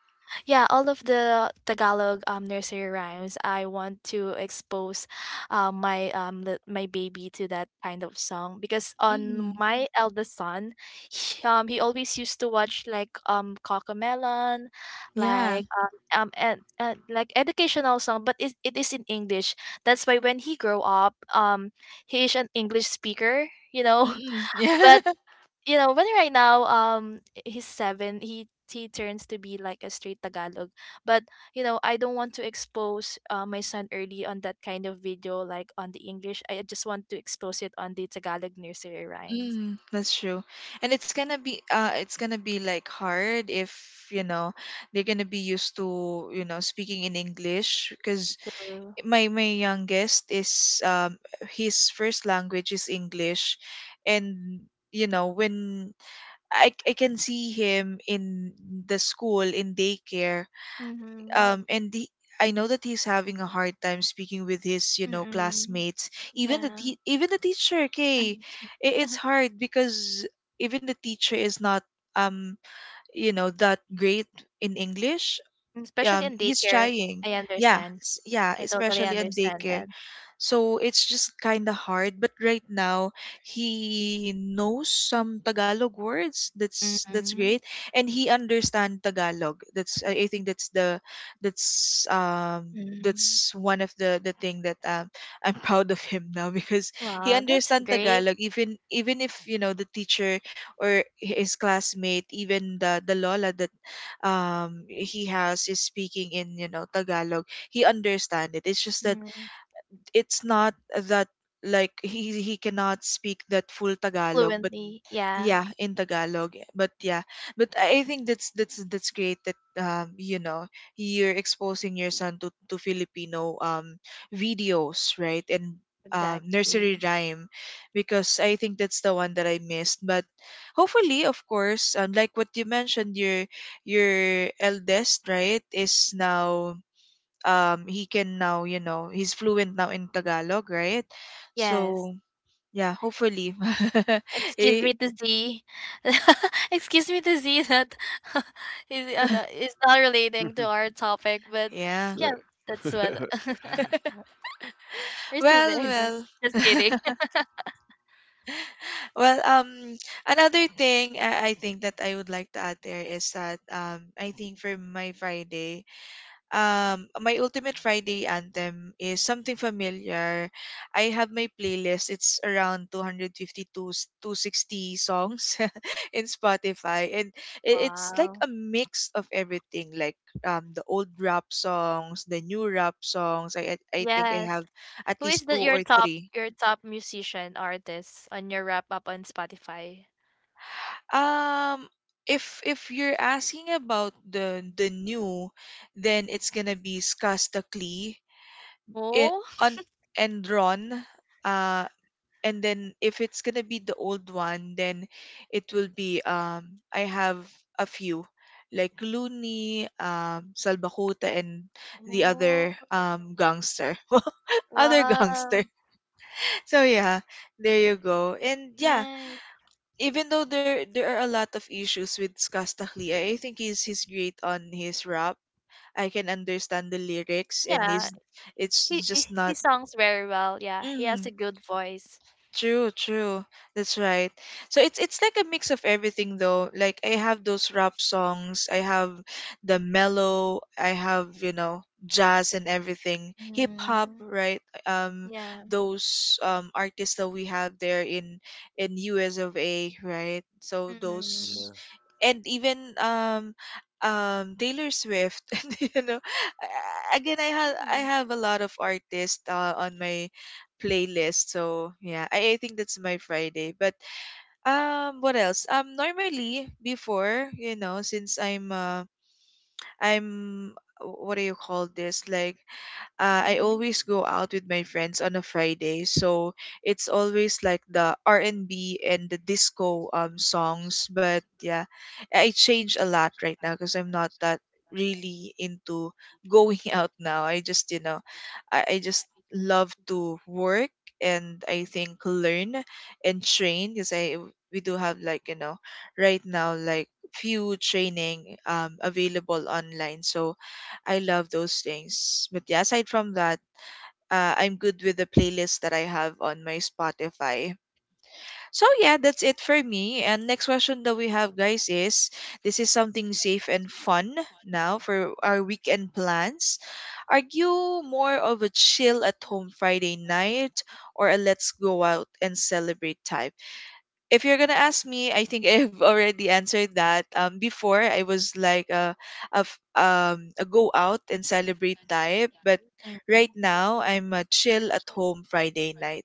S3: yeah, all of the Tagalog, nursery rhymes I want to expose my my baby to that kind of song, because on
S1: Mm,
S3: my eldest son, he always used to watch like Cocomelon,
S1: yeah.
S3: like and like educational song, but it is in English. That's why when he grow up, he is an English speaker, you know.
S1: Mm-mm.
S3: But
S1: Yeah.
S3: you know, but right now, he's seven. He turns to be like a straight Tagalog. But you know, I don't want to expose my son early on that kind of video, like on the English. I just want to expose it on the Tagalog nursery rhymes.
S1: Mm, that's true. And it's gonna be like hard if, you know, they're gonna be used to, you know, speaking in English,
S3: That's
S1: because
S3: true.
S1: my youngest is his first language is English, and you know, when I can see him in the school in daycare
S3: Mm-hmm.
S1: and the I know that he's having a hard time speaking with his, you know,
S3: Mm-mm.
S1: classmates.
S3: Yeah.
S1: Even the teacher, okay, it's hard because even the teacher is not, um, you know, that great in English.
S3: Especially in
S1: He's
S3: daycare,
S1: trying.
S3: I understand.
S1: Yeah,
S3: I totally
S1: especially on
S3: understand
S1: daycare.
S3: that.
S1: So it's just kind of hard. But right now, he knows some Tagalog words. That's
S3: Mm-hmm.
S1: great, and he understands Tagalog. That's I think that's the
S3: Mm-hmm.
S1: that's one of the thing that I'm proud of him now because he
S3: Wow, that's
S1: understands
S3: great.
S1: Tagalog, even if you know the teacher or his classmate, even the lola that he has is speaking in, you know, Tagalog, he understands it. It's just that
S3: Mm.
S1: it's not that like he cannot speak that full Tagalog, but
S3: Fluently. Yeah,
S1: yeah, in Tagalog. But yeah, but I think that's that's great that, um, you know, you're exposing your son to Filipino videos, right? And nursery
S3: exactly.
S1: rhyme, because I think that's the one that I missed. But hopefully, of course, like what you mentioned, your eldest, right, is now he can now, you know, he's fluent now in Tagalog, right?
S3: Yes.
S1: So, yeah, hopefully.
S3: Excuse
S1: Eh,
S3: me to see. Excuse me to see that is no, is not relating to our topic, but
S1: yeah.
S2: Right.
S3: yeah, that's what we're still
S1: Well,
S3: there. Jen. Just kidding.
S1: well. Well, another thing I think that I would like to add there is that I think for my Friday, my ultimate Friday anthem is something familiar. I have my playlist. It's around 250 to 260 songs in Spotify, and it's like
S3: Wow.
S1: a mix of everything, like the old rap songs, the new rap songs. I I think I
S3: Yes.
S1: have at
S3: Who is
S1: least two
S3: that your
S1: or
S3: top
S1: three.
S3: your top musician artist on your wrap up on Spotify?
S1: um if you're asking about the new, then it's gonna be Skastakli. It
S3: Oh.
S1: on Enron, uh, and then if it's gonna be the old one, then it will be I have a few, like Looney, Salbakuta, and the
S3: Oh.
S1: other gangster, other gangster.
S3: Wow.
S1: So yeah, there you go. And yeah,
S3: Nice.
S1: even though there are a lot of issues with Skastahli, I think he's great on his rap. I can understand the lyrics, and
S3: Yeah.
S1: he's, it's
S3: He, he
S1: just
S3: he
S1: not.
S3: songs very well. Yeah. He has
S1: Mm-hmm.
S3: a good voice.
S1: True, true. That's right. So it's like a mix of everything though. Like I have those rap songs, I have the mellow, I have, you know, jazz and everything. Hip hop,
S3: Mm.
S1: right? Um
S3: Yeah.
S1: those artists that we have there in US of A, right? So
S3: Mhm.
S1: those,
S2: Yeah,
S1: and even Taylor Swift, you know. Again, I
S3: Mm.
S1: have a lot of artists on my playlist. So yeah, I think that's my Friday. But what else? Normally before you know, since I'm I'm, what do you call this? Like I
S3: Mhm.
S1: always go out with my friends on a Friday, so it's always like the R and B and the disco songs. But yeah, I change a lot right now because I'm not that really into going out now. I just you know, I just love to work, and I think learn and train because I we do have like you know right now like few training available online, so I love those things. But yeah, aside from that, I'm good with the playlist that I have on my Spotify. So yeah, that's it for me. And next question that we have, guys, is this is something safe and fun now for our weekend plans. Are you more of a chill at home Friday night or a let's go out and celebrate type? If you're gonna ask me, I think I've already answered that. Before I was like a go out and celebrate type, but
S3: Mhm.
S1: right now I'm a chill at home Friday night.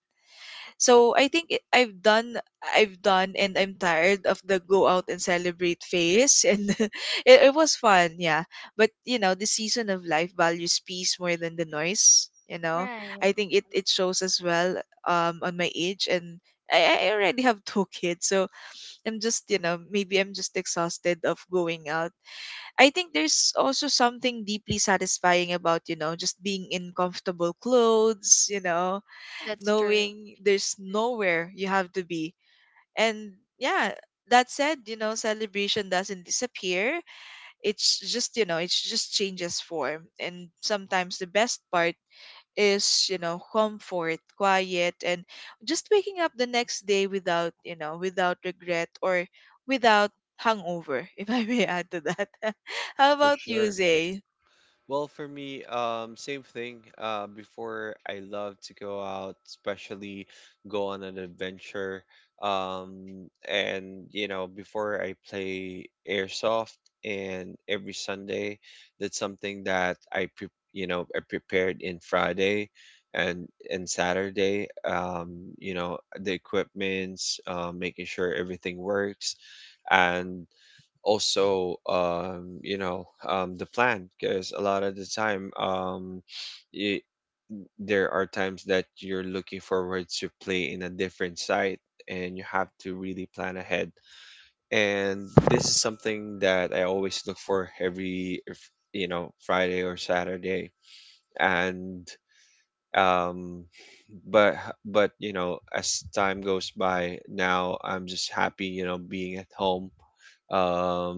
S1: So I think I've done, I've done, and I'm tired of the go out and celebrate phase, and it was fun, yeah. But you know, the season of life values peace more than the noise. You know,
S3: Right.
S1: I think it shows as well on my age. And I already have two kids, so I'm just, you know, maybe I'm just exhausted of going out. I think there's also something deeply satisfying about, you know, just being in comfortable clothes, you know,
S3: That's true.
S1: knowing there's nowhere you have to be. And yeah, that said, you know, celebration doesn't disappear. It's just, you know, it just changes form. And sometimes the best part is you know comfort, quiet, and just waking up the next day without you know without regret or without hangover if I may add to that. How
S2: for
S1: about you,
S2: sure.
S1: Zay?
S2: Well, for me, same thing. Before, I love to go out, especially go on an adventure. And you know, before I play airsoft, and every Sunday, that's something that you know, I prepared in Friday and, Saturday. You know, the equipments, making sure everything works, and also you know, the plan, because a lot of the time, y there are times that you're looking forward to play in a different site, and you have to really plan ahead. And this is something that I always look for every, you know, Friday or Saturday. And um but but you know, as time goes by, now I'm just happy, you know, being at home, um,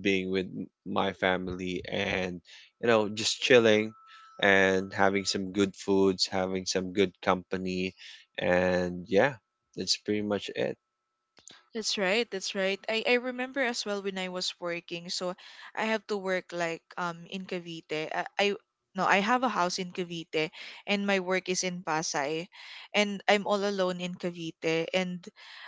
S2: being with my family, and you know, just chilling and having some good foods, having some good company. And yeah, that's pretty much it.
S1: That's right. That's right. I remember as well when I was working. So I have to work like in Cavite. I no, I have a house in Cavite, and my work is in Pasay, and I'm all alone in Cavite, and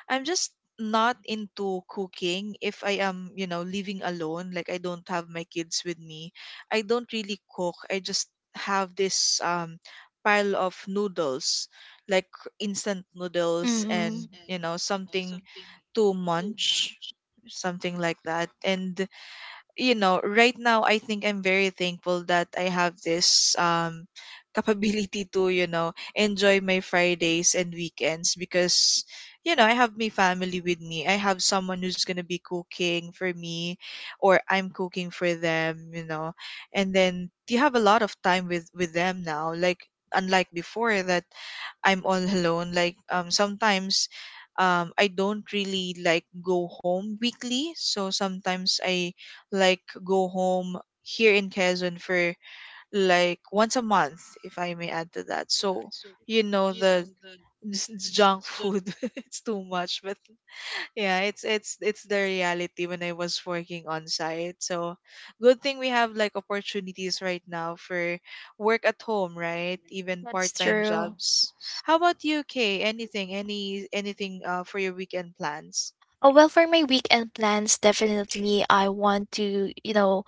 S1: I'm just not into cooking if I am, you know, living alone, like I don't have my kids with me. I don't really cook. I just have this pile of noodles, like instant noodles,
S3: Mhm.
S1: and, you know, something to munch, something like that. And you know, right now I think I'm very thankful that I have this capability to, you know, enjoy my Fridays and weekends because you know, I have my family with me. I have someone who's going to be cooking for me, or I'm cooking for them, you know. And then you have a lot of time with them now, like unlike before that I'm all alone. Like sometimes I don't really like go home weekly. So sometimes I like go home here in Quezon for like once a month, if I may add to that. So you know the junk food it's too much, but yeah it's it's the reality when I was working on site. So good thing we have like opportunities right now for work at home, right? Even
S3: That's
S1: part-time
S3: true.
S1: jobs. How about you, Kay? Anything, anything for your weekend plans?
S3: Oh, well, for my weekend plans, definitely I want to, you know,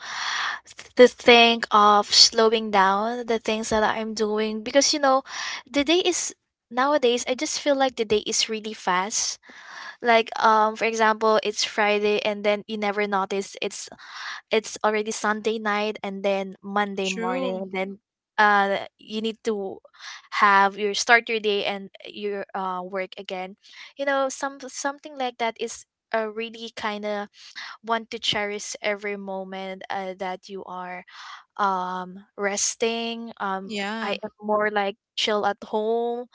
S3: to think of slowing down the things that I'm doing because, you know, the day is nowadays, I just feel like the day is really fast. Like, for example, it's Friday and then you never notice it's already Sunday night, and then Monday morning,
S1: True.
S3: and then you need to have your start your day and your work again. You know, some something like that is, really kind of want to cherish every moment that you are, resting.
S1: Yeah.
S3: I am more like chill at home.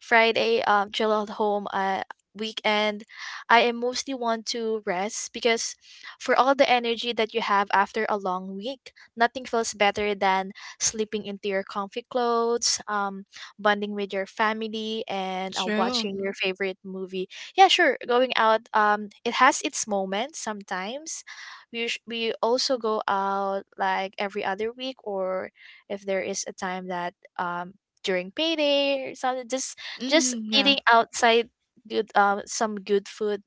S3: Friday, chill at home. Weekend, I am mostly want to rest because for all the energy that you have after a long week, nothing feels better than sleeping into your comfy clothes, bonding with your family, and
S1: True.
S3: watching your favorite movie. Yeah, sure, going out. It has its moments sometimes. We We also go out like every other week, or if there is a time that during payday or something, just
S1: Hmm, yeah.
S3: eating outside, good, some good food.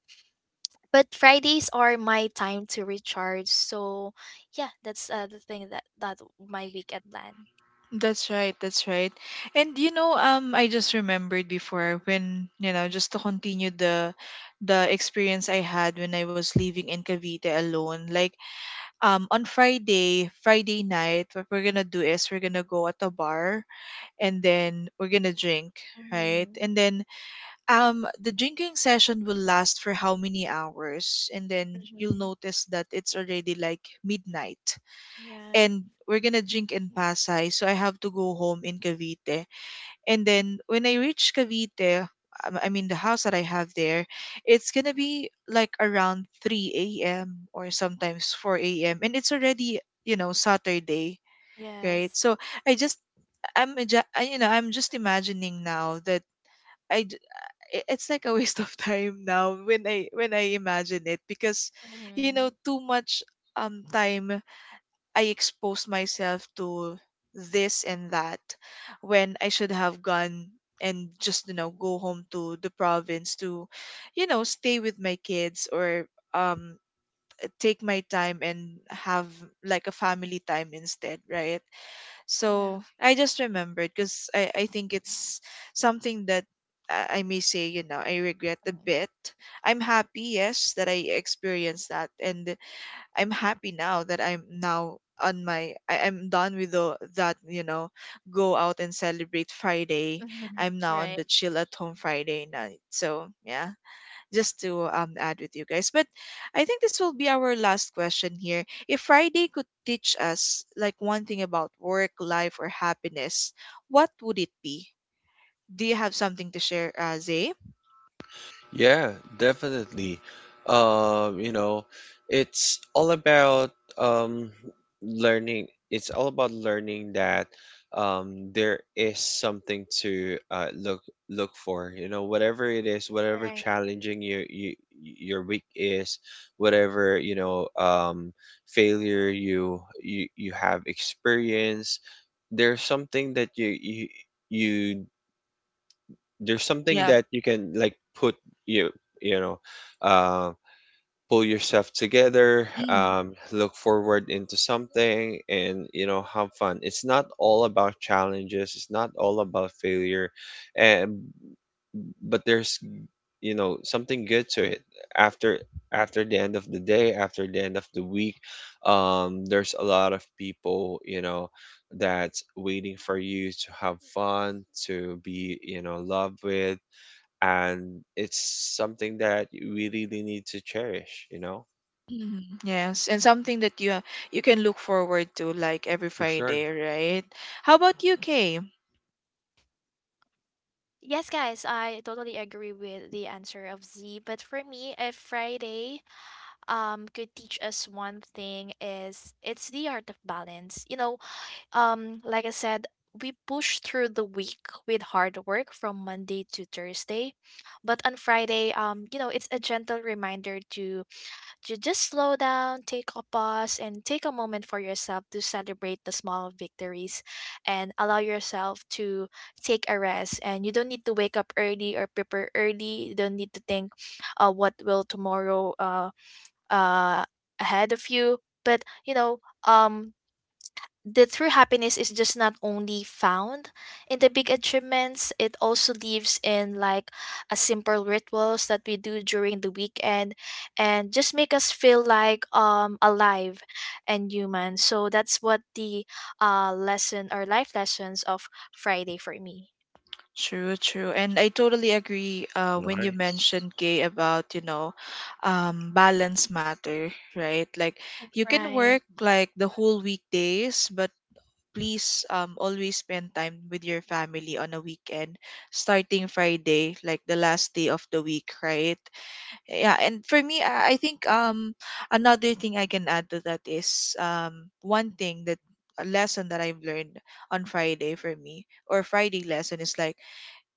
S3: But Fridays are my time to recharge. So yeah, that's the thing that my weekend plan.
S1: That's right, that's right. And you know, I just remembered before when, you know, just to continue the experience I had when I was living in Cavite alone. Like on Friday, Friday night, what we're gonna do is we're gonna go at a bar, and then we're gonna drink, right? And then the drinking session will last for how many hours? And then you'll notice that it's already like midnight, and we're gonna drink in Pasay. So I have to go home in Cavite. And then when I reach Cavite, I mean the house that I have there, it's gonna be like around 3 a.m. or sometimes 4 a.m. And it's already you know Saturday, right?
S3: Yes.
S1: So I just you know I'm just imagining now that I d- it's like a waste of time now when I imagine it because you know
S3: Hmm,
S1: too much time I exposed myself to this and that when I should have gone and just you know go home to the province to you know stay with my kids or um take my time and have like a family time instead, right?
S3: yeah.
S1: So I just remembered because I think it's something that I may say you know I regret a bit. I'm happy yes that I experienced that, and I'm happy now that I'm now on my I'm done with the that you know go out and celebrate
S3: Mhm.
S1: Friday. I'm now on
S3: Right.
S1: the chill at home Friday night. So yeah, just to add with you guys. But I think this will be our last question here. If Friday could teach us like one thing about work, life, or happiness, what would it be? Do you have something to share, Zay?
S2: Yeah, definitely. You know, it's all about um learning. It's all about learning that there is something to look for. You know, whatever it is, whatever
S3: Right.
S2: challenging you your week is, whatever, you know, failure you you have experienced, there's something that you there's something
S1: Yeah.
S2: that you can like put, you you know uh, pull yourself together,
S1: Mm.
S2: look forward into something, and you know, have fun. It's not all about challenges, it's not all about failure, and but there's, you know, something good to it. After after the end of the day, after the end of the week, there's a lot of people, you know, that's waiting for you to have fun, to be, you know, loved with. And it's something that we really really need to cherish, you know?
S1: Mhm. Yes, and something that you can look forward to like every
S2: For sure.
S1: Friday, right? How about you, Kay?
S3: Yes, guys, I totally agree with the answer of Z. But for me, a Friday could teach us one thing: is it's the art of balance. You know, um, like I said, we push through the week with hard work from Monday to Thursday. But on Friday, you know, it's a gentle reminder to just slow down, take a pause, and take a moment for yourself to celebrate the small victories and allow yourself to take a rest. And you don't need to wake up early or prepare early. You don't need to think, what will tomorrow uh, ahead of you. But you know, um, the true happiness is just not only found in the big achievements; it also lives in like a simple rituals that we do during the weekend, and just make us feel like alive and human. So that's what the lesson or life lessons of Friday for me.
S1: True, true. And I totally agree when you
S2: Nice.
S1: mentioned Kay about, you know, balance matter, right? Like you can
S3: Right,
S1: work like the whole weekdays, but please always spend time with your family on a weekend starting Friday, like the last day of the week, right? Yeah and for me I think another thing I can add to that is one thing that a lesson that I've learned on Friday for me or Friday lesson is like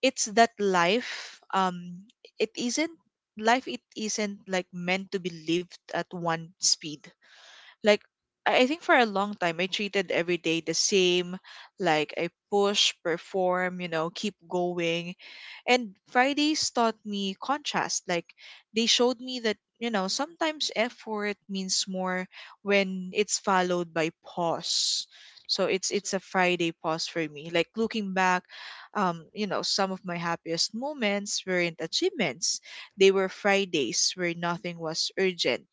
S1: it's that life it isn't, life it isn't like meant to be lived at one speed. like I I think for a long time I treated every day the same. Like I push, perform, you know, keep going. And Fridays taught me contrast. Like they showed me that, you know, sometimes effort means more when it's followed by pause. So it's a Friday pause for me. Like looking back, you know, some of my happiest moments weren't achievements. They were Fridays where nothing was urgent,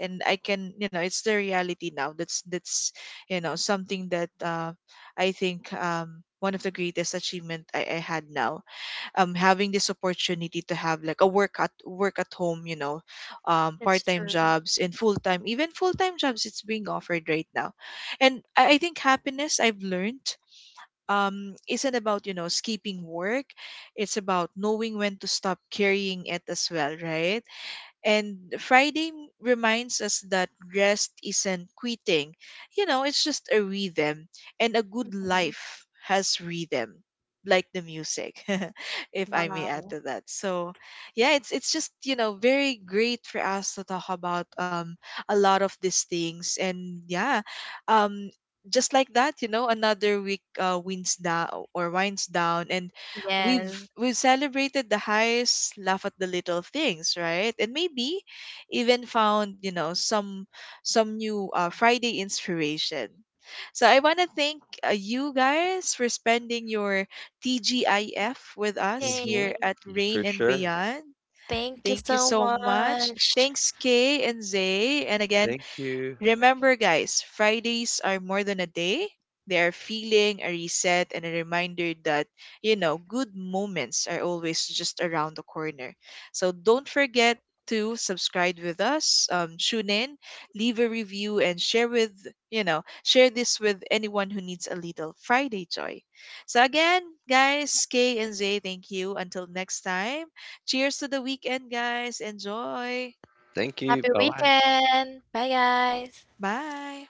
S1: and I can you know it's the reality now that's you know something that I think one of the greatest achievement I had now having this opportunity to have like a work at home, you know
S3: that's
S1: part-time
S3: true.
S1: jobs and full-time, even full-time jobs, it's being offered right now. And I think happiness I've learned isn't about you know skipping work. It's about knowing when to stop carrying it as well, right? And Friday reminds us that rest isn't quitting. You know, it's just a rhythm. And a good
S3: Mhm.
S1: life has rhythm, like the music, if I may add
S3: Wow.
S1: to that. So, yeah, it's just, you know, very great for us to talk about a lot of these things. And yeah, um just like that, you know, another week winds down or winds down, and we've
S3: Yes.
S1: we've celebrated the highs, laugh at the little things, right? And maybe even found, you know, some new Friday inspiration. So I want to thank you guys for spending your TGIF with us
S2: Mm-hmm.
S1: here
S3: Yay.
S1: at
S2: For
S1: Rain and
S2: sure.
S1: Beyond.
S3: Thank you
S1: Thank you
S3: so
S1: so much.
S3: much.
S1: Thanks, Kay and Zay. And again,
S2: Thank you.
S1: remember, guys, Fridays are more than a day. They are feeling, a reset, and a reminder that, you know, good moments are always just around the corner. So don't forget to subscribe with us, tune in, leave a review, and share with, you know, share this with anyone who needs a little Friday joy. So again, guys, Kay and Zay, thank you. Until next time, cheers to the weekend, guys. Enjoy.
S2: Thank you.
S3: Happy
S2: Bye bye.
S3: weekend. Bye, guys.
S1: Bye.